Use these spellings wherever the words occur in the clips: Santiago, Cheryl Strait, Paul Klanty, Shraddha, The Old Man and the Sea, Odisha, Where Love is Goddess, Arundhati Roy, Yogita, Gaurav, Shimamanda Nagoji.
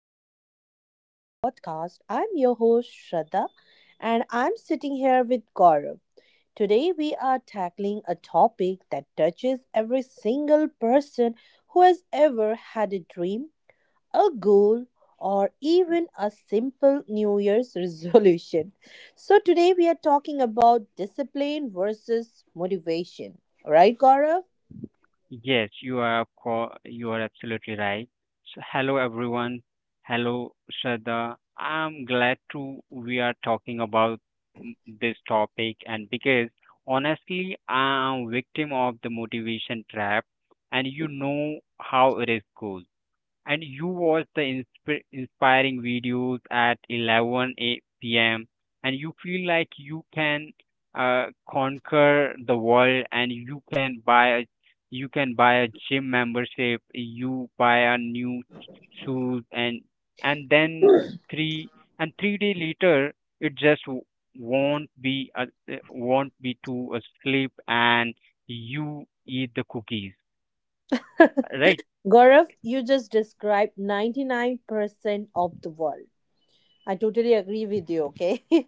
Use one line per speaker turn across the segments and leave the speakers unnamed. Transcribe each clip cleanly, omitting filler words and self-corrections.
welcome back to our podcast. I'm your host, Shraddha, and I'm sitting here with Gaurav. Today, we are tackling a topic that touches every single person who has ever had a dream, a goal, or even a simple New Year's resolution. So today, we are talking about discipline versus motivation. All right, Gaurav?
Yes, you are you are absolutely right. So hello everyone. Hello Shraddha. I'm glad to we are talking about this topic and because honestly I'm victim of the motivation trap, and you know how it is goes, and you watch the inspiring videos at 11 p.m. and you feel like you can conquer the world, and you can buy a you can buy a gym membership, you buy a new shoes, and then three three day later it just won't be won't be to a sleep, and you eat the cookies, right.
Gaurav, you just described 99% of the world. I totally agree with you, okay?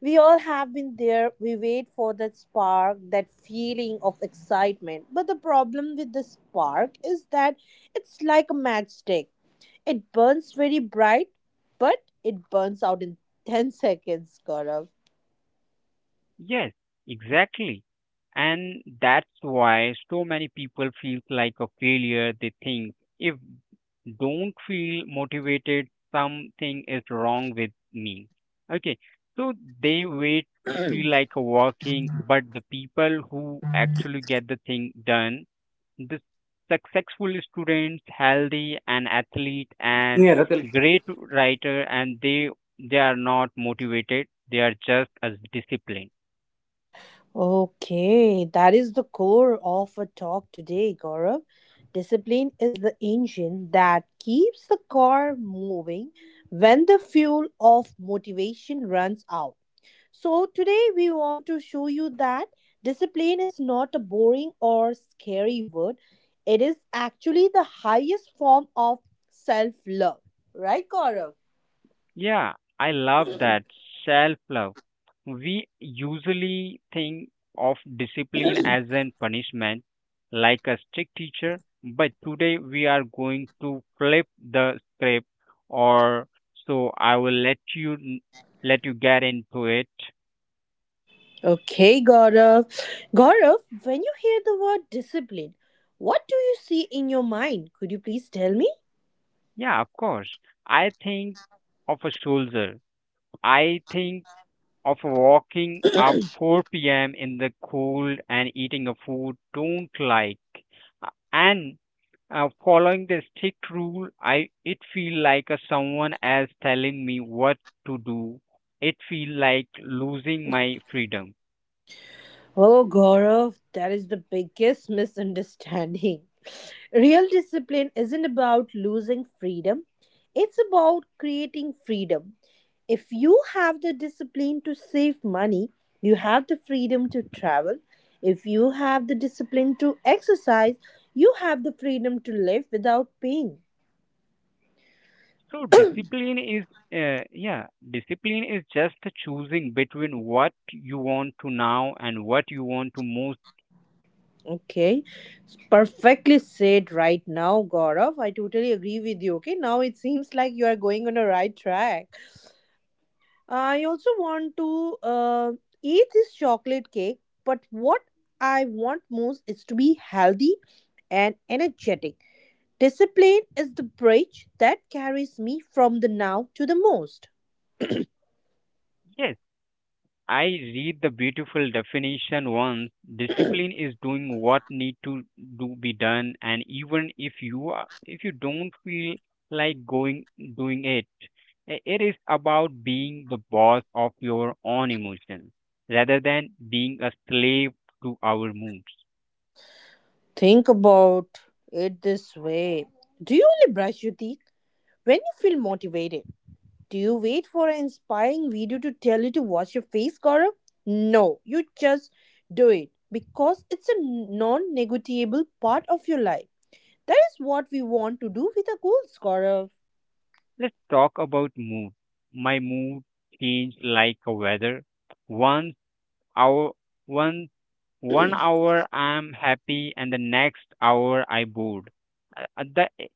We all have been there. We wait for that spark, that feeling of excitement. But the problem with the spark is that it's like a matchstick. It burns very bright, but it burns out in 10 seconds, Gaurav.
Yes, exactly. And that's why so many people feel like a failure. They think if don't feel motivated, something is wrong with me. Okay, so they wait to feel like a working, but the people who actually get the thing done, the successful students, healthy and athlete, and
Yeah, Ratil.
great writer, and they are not motivated. They are just as disciplined.
Okay, that is the core of a talk today, Gaurav. Discipline is the engine that keeps the car moving when the fuel of motivation runs out. So today we want to show you that discipline is not a boring or scary word, it is actually the highest form of self love. Right, Gaurav?
Yeah, I love that self love. We usually think of discipline as an punishment, like a strict teacher, but today we are going to flip the script, or so I will let you let you get into it.
Okay, Gaurav. Gaurav, when you hear the word discipline, what do you see in your mind? Could you please tell me?
Yeah, of course. I think of a soldier. I think of walking up 4 p.m. in the cold and eating a food don't like. And Following the strict rule, I it feel like a someone else telling me what to do, it feel like losing my freedom.
Oh, Gaurav, that is the biggest misunderstanding. Real discipline isn't about losing freedom, it's about creating freedom. If you have the discipline to save money, you have the freedom to travel. If you have the discipline to exercise, you have the freedom to live without pain.
So discipline is yeah, discipline is just choosing between what you want to now and what you want to most.
Okay, perfectly said right now, Gaurav. I totally agree with you. Okay, now it seems like you are going on the right track. I also want to eat this chocolate cake, but what I want most is to be healthy and energetic. Discipline is the bridge that carries me from the now to the most.
Yes, I read the beautiful definition once. Discipline is doing what need to do be done, and even if you are, if you don't feel like going doing it, it is about being the boss of your own emotions rather than being a slave to our moods.
Think about it this way. Do you only brush your teeth when you feel motivated? Do you wait for an inspiring video to tell you to wash your face, Gaurav? No, you just do it because it's a non negotiable part of your life. That is what we want to do with our goals, Gaurav.
Let's talk about mood. My mood changed like a weather. Once our once 1 hour I'm happy and the next hour I bored. Uh, uh, the e-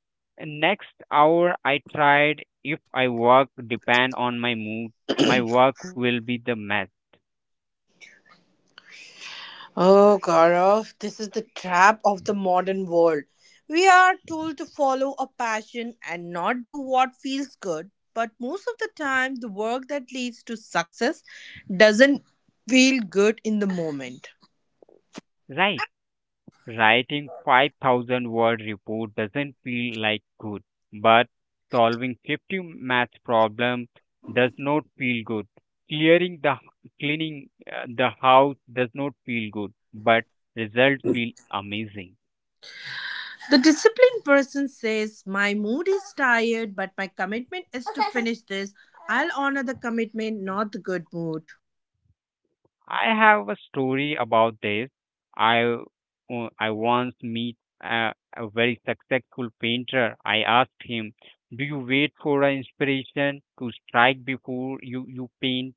Next hour I tried, if I work depend on my mood, my work will be the mess,
Oh, Gaurav, this is the trap of the modern world. We are told to follow a passion and not do what feels good, but most of the time, the work that leads to success doesn't feel good in the moment.
right. Writing 5,000 word report doesn't feel like good, but solving 50 math problem does not feel good, clearing the cleaning the house does not feel good, but results feel amazing.
The disciplined person says, My mood is tired, but my commitment is to finish this. I'll honor the commitment, not the good mood.
I have a story about this. I uh, I once meet a very successful painter. I asked him, "Do you wait for an inspiration to strike before you paint?"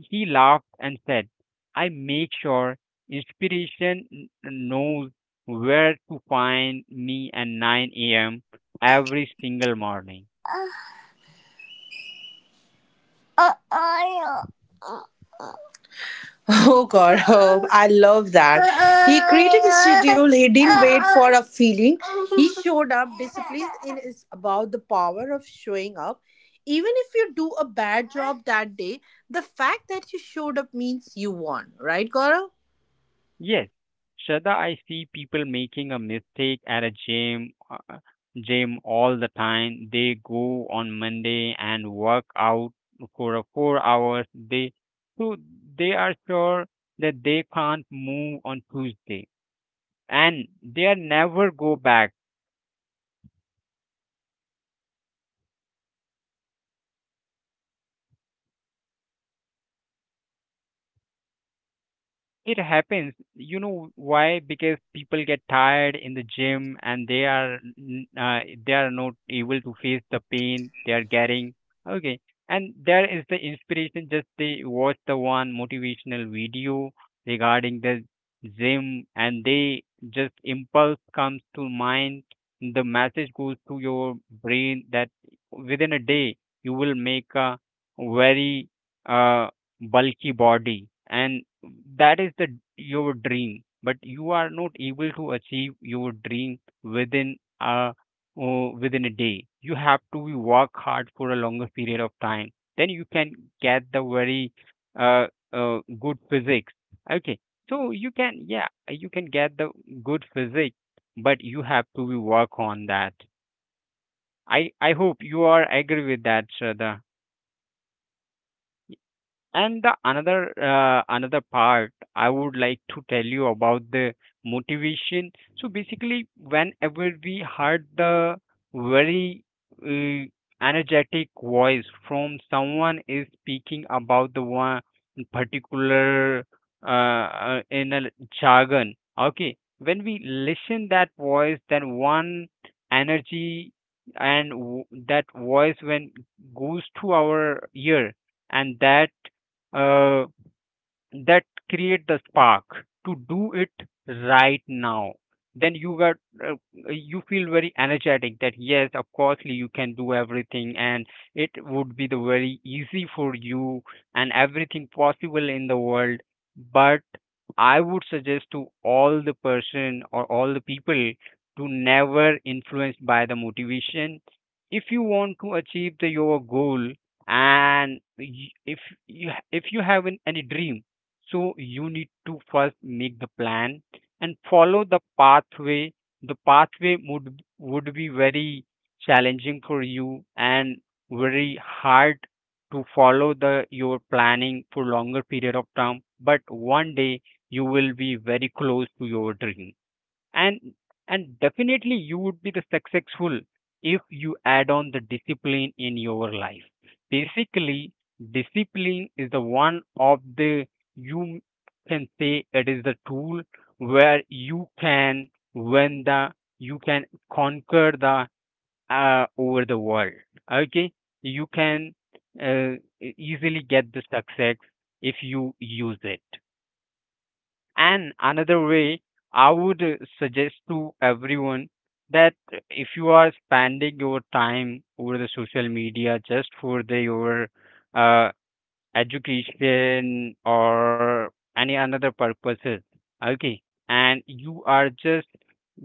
He laughed and said, "I make sure inspiration knows where to find me at 9 a.m. every single morning."
Oh God, oh, I love that. He created a schedule, he didn't wait for a feeling. He showed up. Discipline is about the power of showing up. Even if you do a bad job that day, the fact that you showed up means you won, right, Gaurav?
Yes, Shraddha, I see people making a mistake at a gym all the time. They go on Monday and work out for a 4 hours. They so they are sure that they can't move on Tuesday, and they are never go back. It happens. You know why? Because people get tired in the gym and they are they are not able to face the pain they are getting. Okay. And there is the inspiration. Just they watch the one motivational video regarding the gym, and they just impulse comes to mind. The message goes to your brain that within a day you will make a very uh, bulky body, and that is the your dream, but you are not able to achieve your dream within a within a day. You have to be work hard for a longer period of time, then you can get the very uh, good physics. Okay, so you can, yeah, you can get the good physics, but you have to be work on that. I hope you are agree with that, Shraddha. And the another another part I would like to tell you about the motivation. So basically, whenever we heard the very uh, energetic voice from someone is speaking about the one particular in a jargon, okay, when we listen that voice, then one energy and that voice when goes to our ear, and uh, that create the spark to do it right now, then you got uh, you feel very energetic that yes, of course you can do everything, and it would be the very easy for you, and everything possible in the world. But I would suggest to all the person or all the people to never influenced by the motivation. If you want to achieve the your goal, and if you have an, any dream, so you need to first make the plan and follow the pathway. The pathway would be very challenging for you, and very hard to follow the your planning for longer period of time. But one day you will be very close to your dream, and definitely you would be the successful if you add on the discipline in your life. Basically discipline is the one of the you can say it is the tool where you can when the you can conquer the over the world. Okay, you can uh, easily get the success if you use it. And another way I would suggest to everyone that if you are spending your time over the social media just for the your uh, education or any another purposes, okay, and you are just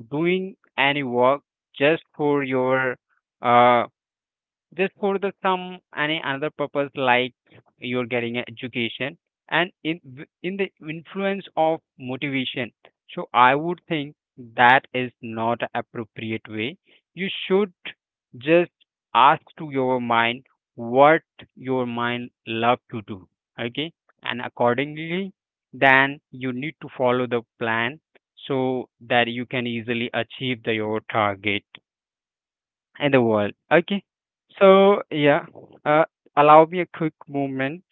doing any work just for your uh, just for the some any another purpose, like you're getting an education, and in the influence of motivation, so I would think that is not a appropriate way. You should just ask to your mind what your mind love to do, okay, and accordingly then you need to follow the plan so that you can easily achieve the, your target in the world. Okay. So, yeah, uh, allow me a quick moment.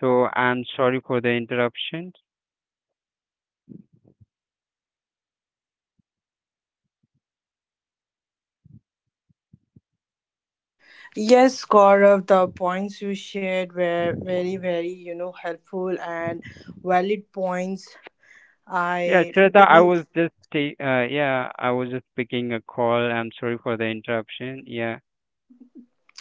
So, I'm sorry for the interruption.
Yes, Gaurav, the points you shared were very, very, helpful and valid points.
Yeah,
I
Shraddha, I
totally.
was just yeah, I was just picking a call. I'm sorry for the interruption. Yeah.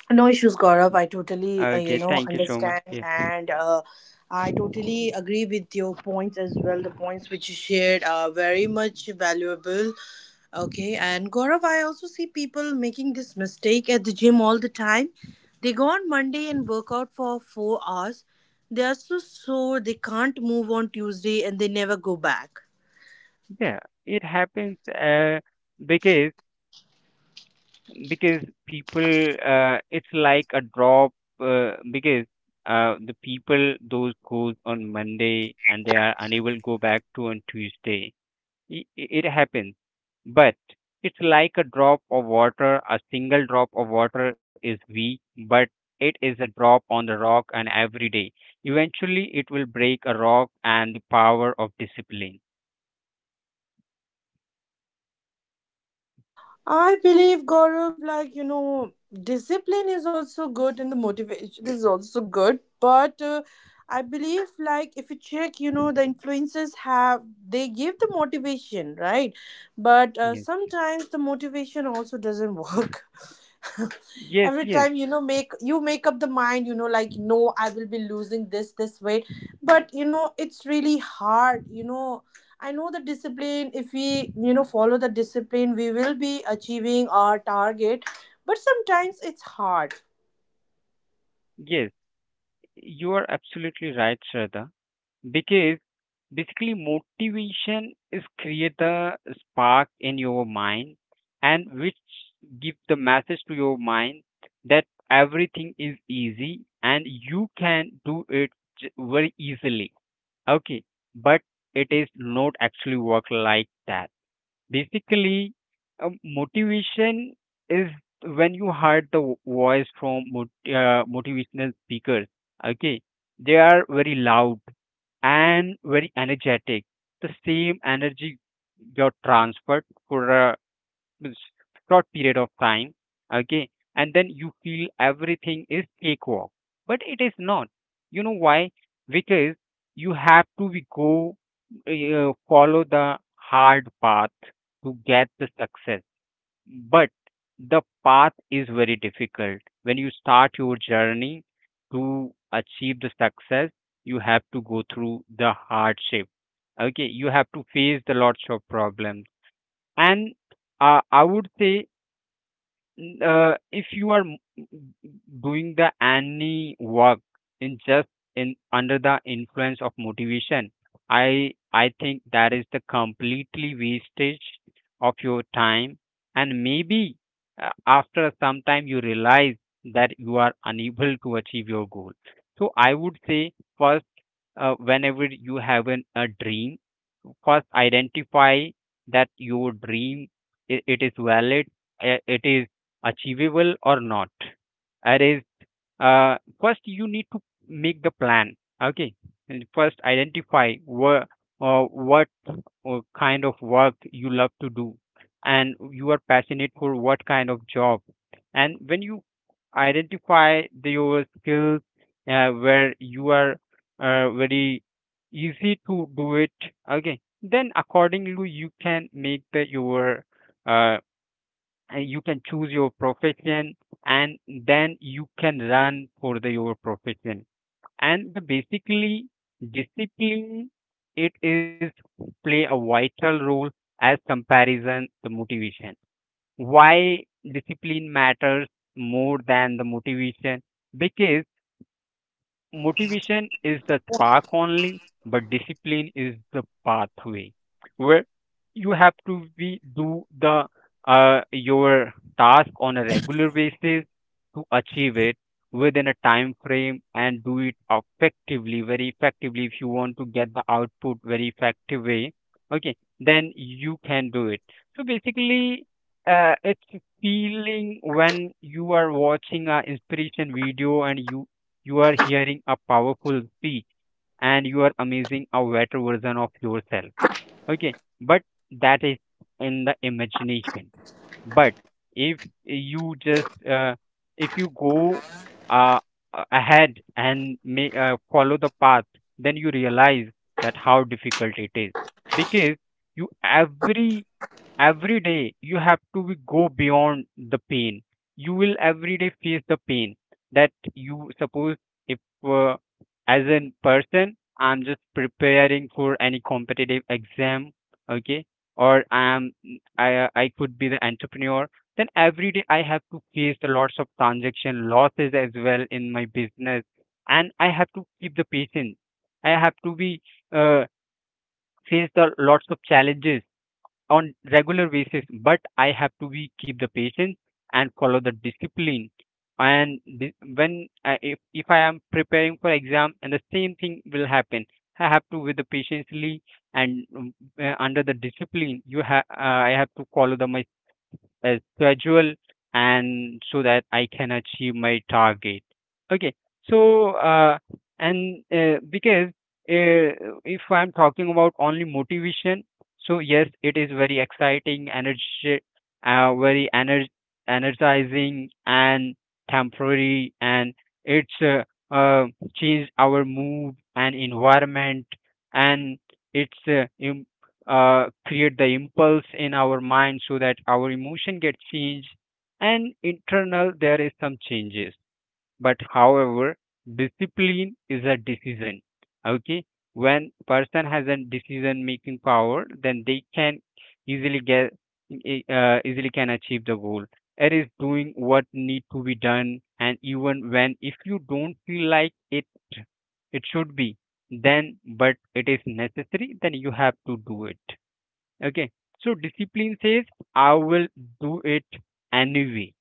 No issues, Gaurav. I totally,
Okay, thank you so much.
understand
Yeah.
and I totally agree with your points as well. The points which you shared are very much valuable. Okay, and Gaurav, I also see people making this mistake at the gym all the time. They go on Monday and work out for 4 hours. They are so sore, they can't move on Tuesday and they never go back.
Yeah, it happens because people it's like a drop because the people those goes on Monday, and they are unable to go back to on Tuesday. It happens, but it's like a drop of water. A single drop of water is weak, but it is a drop on the rock, and every day eventually it will break a rock, and the power of discipline.
I believe Gaurav, discipline is also good and the motivation is also good. But I believe, like if you check, the influences have they give the motivation, right? But
Yes.
sometimes the motivation also doesn't work.
Yes,
Every
yes.
time make you make up the mind like no, I will be losing this weight, but it's really hard, I know the discipline. If we follow the discipline, we will be achieving our target, but sometimes it's hard.
Yes, you are absolutely right, Shraddha, because basically, motivation is create the spark in your mind, and which give the message to your mind that everything is easy and you can do it very easily. Okay, but it is not actually work like that. Basically, motivation is when you heard the voice from motivational speakers. Okay, they are very loud and very energetic. The same energy got transferred for means short period of time, okay, and then you feel everything is cakewalk, but it is not. You know why? Because you have to be go follow the hard path to get the success, but the path is very difficult. When you start your journey to achieve the success, you have to go through the hardship. Okay, you have to face the lots of problems, and I would say if you are doing the any work in just in under the influence of motivation, i think that is the completely wastage of your time, and maybe after some time you realize that you are unable to achieve your goal. So I would say first, whenever you have an, a dream, first identify that your dream it, it is valid, it is achievable or not. It is first you need to make the plan. Okay, and first identify where, what kind of work you love to do, and you are passionate for what kind of job, and when you identify the, your skills, where you are very easy to do it, okay, then accordingly you can make the your uh, and you can choose your profession, and then you can run for the your profession. And the basically discipline, it is play a vital role as comparison the motivation. Why discipline matters more than the motivation? Because motivation is the spark only, but discipline is the pathway where you have to be do the your task on a regular basis to achieve it within a time frame, and do it effectively, very effectively. If you want to get the output very effective way, okay, then you can do it. So basically, it's feeling when you are watching a inspiration video, and you are hearing a powerful speech, and you are amazing a better version of yourself. Okay, but that is in the imagination. But if you just if you go uh, ahead and follow the path, then you realize that how difficult it is, because you every day you have to be go beyond the pain. You will every day face the pain that you suppose. If uh, as a person I'm just preparing for any competitive exam, okay, or I am, I could be the entrepreneur, then every day I have to face the lots of transaction losses as well in my business, and I have to keep the patience. I have to be, uh, face the lots of challenges on regular basis, but I have to be keep the patience and follow the discipline. When I, if I am preparing for exam and the same thing will happen, I have to with the patiently, and under the discipline you have I have to follow the my a schedule, and so that I can achieve my target. Okay, so and because uh, if I'm talking about only motivation, so yes, it is very exciting, energy, uh, very energ- energizing and temporary, and it's uh, changed our mood and environment, and it's create the impulse in our mind so that our emotion gets changed and internal there is some changes. But however, discipline is a decision. Okay, when person has a decision making power, then they can easily get, easily can achieve the goal. It is doing what need to be done, and even when if you don't feel like it should be then, but it is necessary, then you have to do it. Okay. So discipline says, I will do it anyway,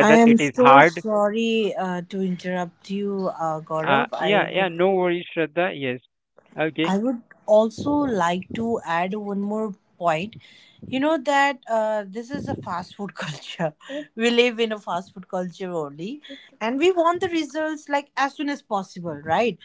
I
it
am
is
so
hard.
sorry to interrupt you, Gaurav. I
Yeah, yeah,
would,
no worries, Shraddha. Yes. Okay.
I would also like to add one more point. You know that this is a fast food culture. We live in a fast food culture only, and we want the results like as soon as possible, right?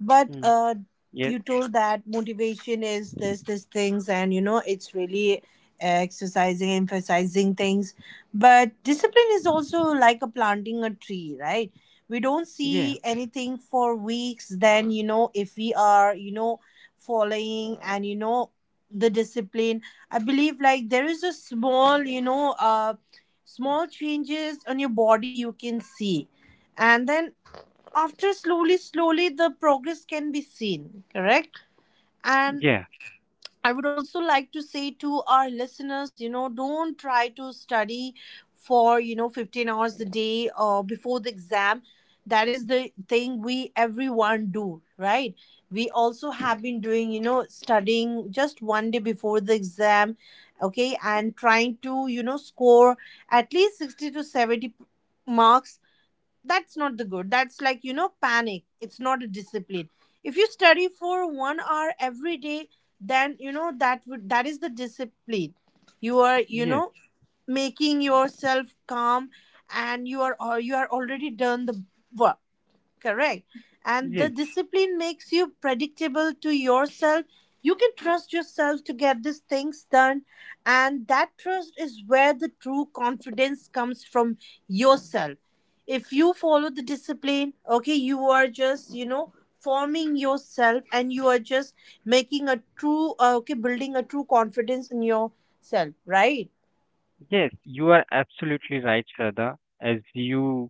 But
Mm. Yes.
you told that motivation is this things, and you know it's really exercising, emphasizing things. But discipline is also like a planting a tree, right? We don't
Yeah.
see anything for weeks. Then you know if we are you know following and you know the discipline. I believe like there is a small small changes on your body you can see, and then after slowly slowly the progress can be seen, correct. And
Yeah.
I would also like to say to our listeners, you know, don't try to study for you know 15 hours a day or before the exam. That is the thing we everyone do, right? We also have been doing you know studying just one day before the exam, okay, and trying to you know score at least 60 to 70 marks. That's not the good, that's like you know panic, it's not a discipline. If you study for 1 hour every day, then you know that would that is the discipline. You are you
Yes.
know making yourself calm, and you are already done the work. Correct. And the
Yes.
discipline makes you predictable to yourself. You can trust yourself to get these things done. And that trust is where the true confidence comes from yourself. If you follow the discipline, okay, you are just, you know, forming yourself and you are just making a true, building a true confidence in yourself, right?
Yes. You are absolutely right, Shraddha.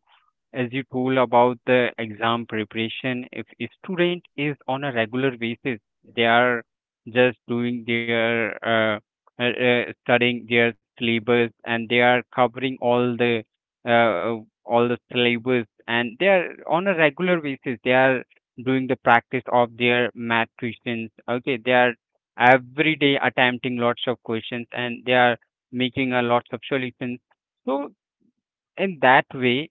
As you told about the exam preparation, if a student is on a regular basis, they are just doing their studying their syllabus and they are covering uh, all the syllabus and they are on a regular basis. They are doing the practice of their math questions. Okay, they are every day attempting lots of questions and they are making a lots of solutions. So in that way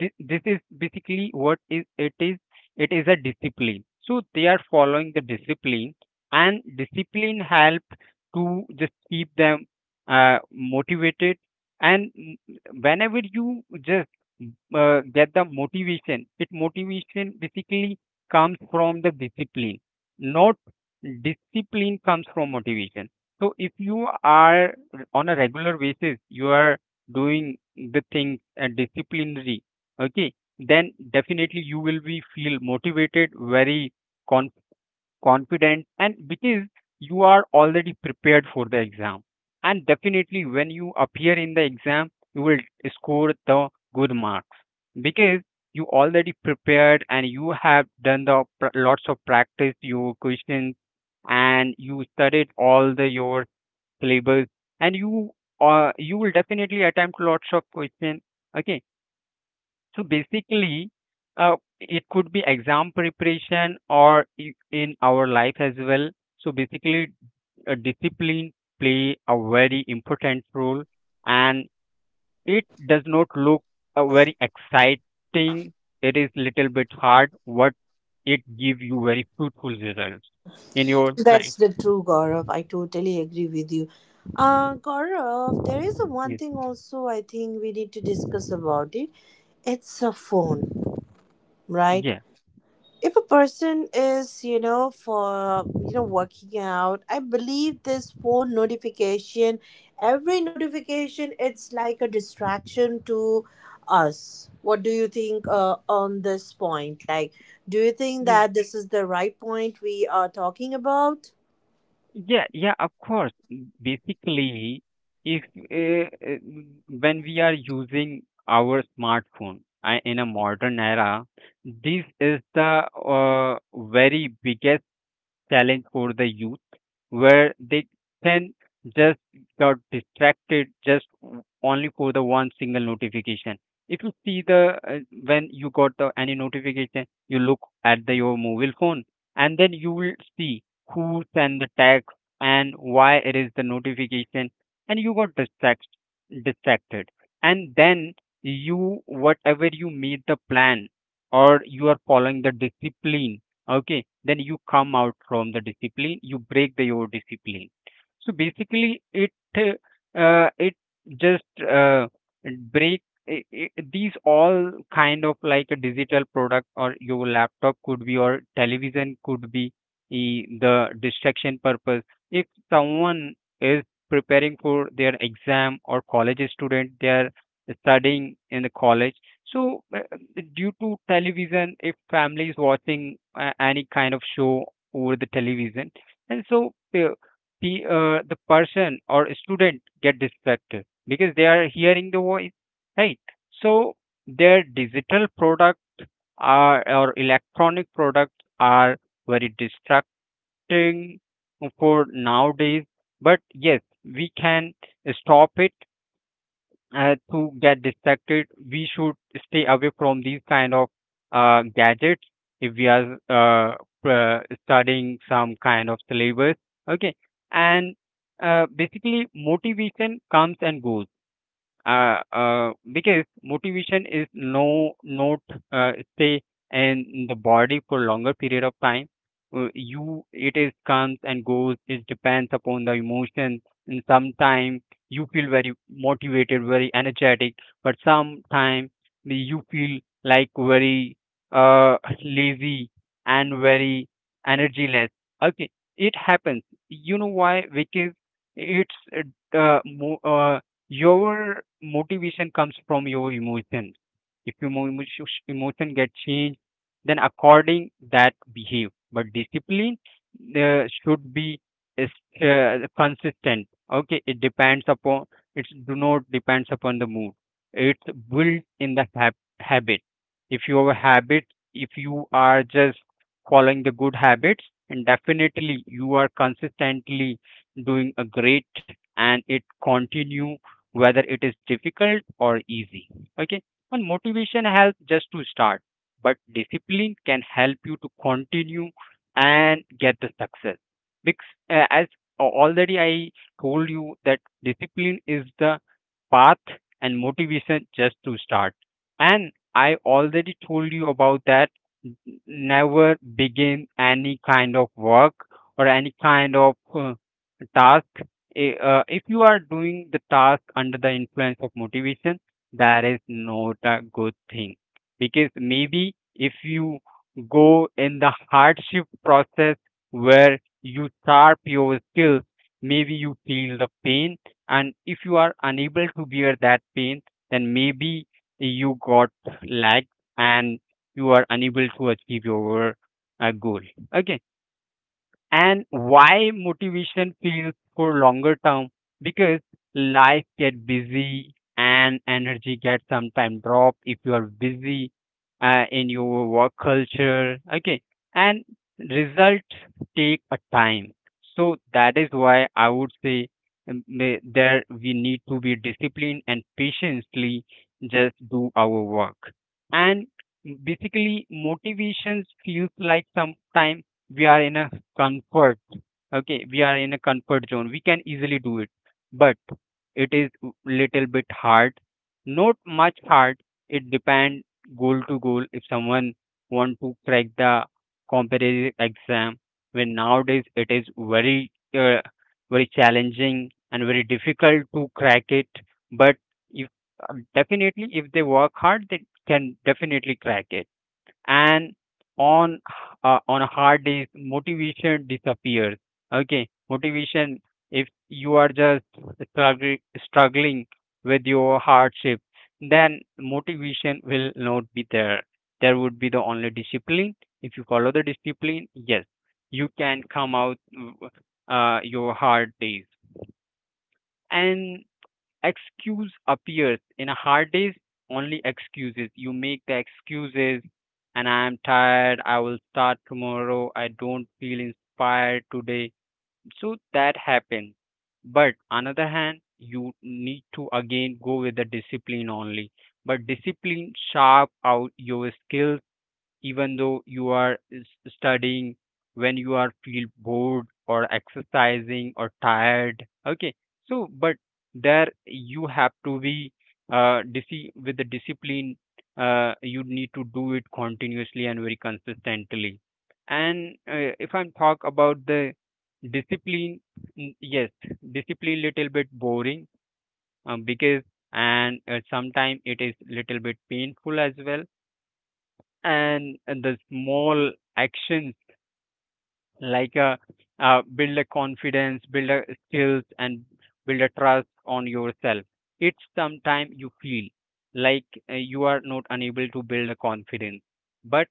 this, this is basically what is it is it is a discipline so they are following the discipline and discipline help to just keep them motivated and mm, whenever you just get the motivation it motivation basically comes from the discipline not discipline comes from motivation so if you are on a regular basis you are doing the thing and disciplinary okay then definitely you will be feel motivated very con- confident and because you are already prepared for the exam and definitely when you appear in the exam you will score the good marks because you already prepared and you have done the pr- lots of practice your questions and you studied all the your syllabus, and you you will definitely attempt lots of question. Okay, so basically, it could be exam preparation or I- in our life as well. So basically, discipline play a very important role, and it does not look very exciting. It is little bit hard, but it give you very fruitful results in your life.
That's the true Gaurav. I totally agree with you. Gaurav, there is a one
Yes.
thing also I think we need to discuss about it. It's a phone, right? If a person is, you know, for you know, working out, I believe this phone notification, every notification, it's like a distraction to us. What do you think on this point? Like, do you think
Yeah.
that this is the right point we are talking about?
Yeah, yeah, of course. Mm, basically, if when we are using our smartphone in a modern era, this is the very biggest challenge for the youth, where they can just got distracted just only for the one single notification. If you see the uh, when you got the any notification, you look at the your mobile phone, and then you will see who sent the text and why it is the notification, and you got distracted, and then you whatever you made the plan or you are following the discipline, okay, then you come out from the discipline, you break your discipline. So basically it it just uh, break, I these all kind of like a digital product, or your laptop could be, or television could be eh, the distraction purpose. If someone is preparing for their exam or college student, they are studying in the college, so due to television, if family is watching any kind of show over the television, and so uh, the person or student get distracted because they are hearing the voice, right? So their digital product are, or electronic products are very distracting for nowadays. But yes, we can stop it. To get distracted, we should stay away from these kind of gadgets, if we are studying some kind of syllabus, okay. And basically motivation comes and goes, because motivation is no not stay in the body for longer period of time. You it is comes and goes. It depends upon the emotion. And sometimes you feel very motivated, very energetic, but sometimes you feel like very uh, lazy and very energyless. Okay, it happens. You know why? Because it's uh, mo- uh, your motivation comes from your emotion. If your emotion get changed, then according that behave. But discipline uh, should be is, consistent. Okay, it depends upon, it do not depends upon the mood. It's built in the habit. If your habit, if you are just following the good habits, and definitely you are consistently doing a great and it continue whether it is difficult or easy. Okay, and motivation helps just to start, but discipline can help you to continue and get the success. Because as already I told you that discipline is the path and motivation just to start. And I already told you about that. n- Never begin any kind of work or any kind of task, if you are doing the task under the influence of motivation, that is not a good thing. Because maybe if you go in the hardship process where you sharp your skills, maybe you feel the pain, and if you are unable to bear that pain, then maybe you got lagged and you are unable to achieve your goal, okay. And why motivation feels for longer term? Because life get busy and energy get sometimes drop if you are busy in your work culture, okay. And results take a time. So that is why I would say, there we need to be disciplined and patiently just do our work. And basically motivations feels like sometimes we are in a comfort, okay, we are in a comfort zone, we can easily do it. But it is little bit hard, not much hard. It depend goal to goal. If someone want to crack the competitive exam, when nowadays it is very very challenging and very difficult to crack it. But if definitely, if they work hard, they can definitely crack it. And on on a hard day motivation disappears. Okay, motivation, if you are just struggling with your hardship, then motivation will not be there. There would be the only discipline. If you follow the discipline, yes, you can come out your hard days. And excuse appears in a hard days, only excuses you make the excuses, and I am tired, I will start tomorrow, I don't feel inspired today. So that happens, but another hand you need to again go with the discipline only. But discipline sharp out your skills, even though you are studying when you are feel bored or exercising or tired, okay. So but there you have to be with the discipline, you need to do it continuously and very consistently. And if I'm talk about the discipline, mm, yes, discipline little bit boring, because, and sometimes it is little bit painful as well. And the small actions like a build a confidence, build a skills, and build a trust on yourself. It's sometime you feel like you are not unable to build a confidence, but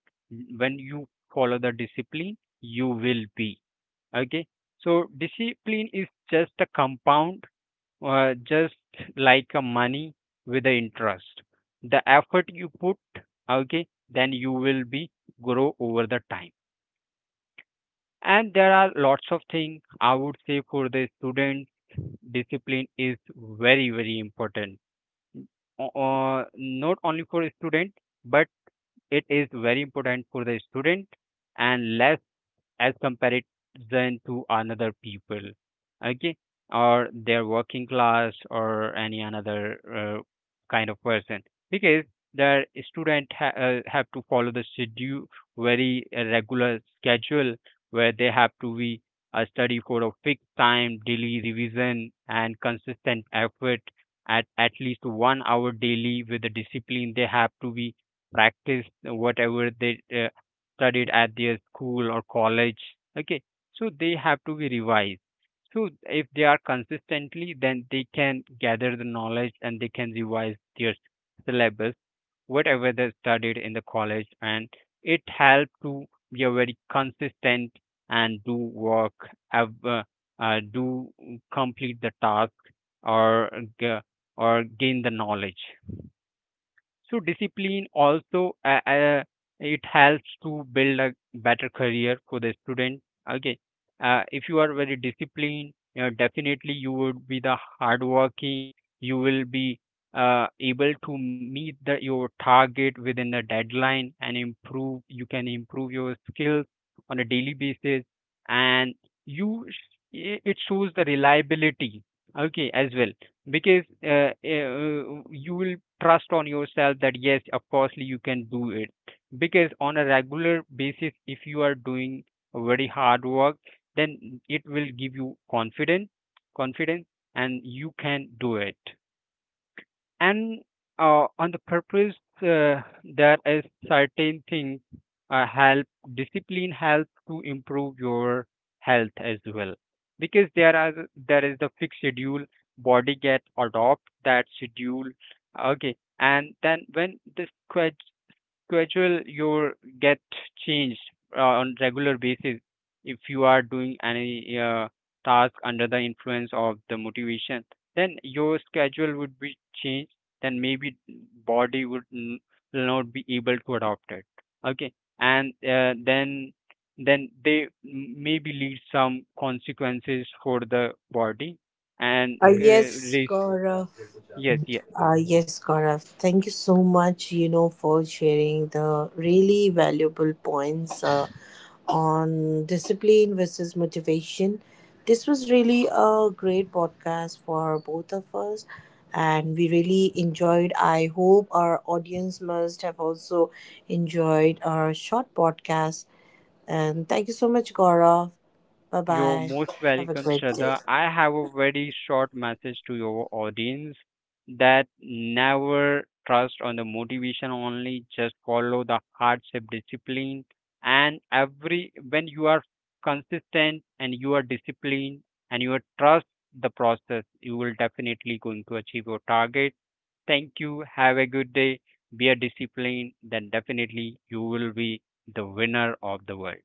when you follow the discipline, you will be okay. So discipline is just a compound, just like a money with the interest, the effort you put, okay, then you will be grow over the time. And there are lots of things I would say for the student, discipline is very very important. Not only for a student, but it is very important for the student, and less as comparison to another people, okay, or their working class or any another kind of person. Because the student have to follow the schedule, very regular schedule, where they have to be study for a fixed time, daily revision and consistent effort, at least 1 hour daily. With the discipline, they have to be practice whatever they studied at their school or college, okay. So they have to be revised. So if they are consistently, then they can gather the knowledge and they can revise their syllabus, whatever they studied in the college. And it helps to be a very consistent and do work, do complete the task, or g- or gain the knowledge. So discipline also it helps to build a better career for the student. Okay, if you are very disciplined, definitely you would be the hardworking. You will be able to meet the, your target within the deadline and improve. You can improve your skills on a daily basis, and you sh- it shows the reliability. Okay, as well, because you will trust on yourself that yes, of course you can do it. Because on a regular basis, if you are doing a very hard work, then it will give you confidence, confidence, and you can do it. And on the purpose, there is certain things help discipline help to improve your health as well. Because there are, there is the fixed schedule, body get adopt that schedule, okay. And then when this quit schedule, your get changed on regular basis. If you are doing any task under the influence of the motivation, then your schedule would be changed. Then maybe body would n- will not be able to adopt it, okay. And then they maybe lead some consequences for the body. And
Uh, yes, Gaurav.
yes, yes.
Yes, Gaurav. Thank you so much, you know, for sharing the really valuable points on discipline versus motivation. This was really a great podcast for both of us, and we really enjoyed. I hope our audience must have also enjoyed our short podcast. And thank you so much, Gaurav. Bye
You're
bye.
most
Have a
welcome,
great day.
Shraddha. I have a very short message to your audience, that never trust on the motivation only, just follow the hardship discipline. And every when you are consistent and you are disciplined and you are trust the process, you will definitely going to achieve your target. Thank you. Have a good day. Be a discipline, then definitely you will be the winner of the world.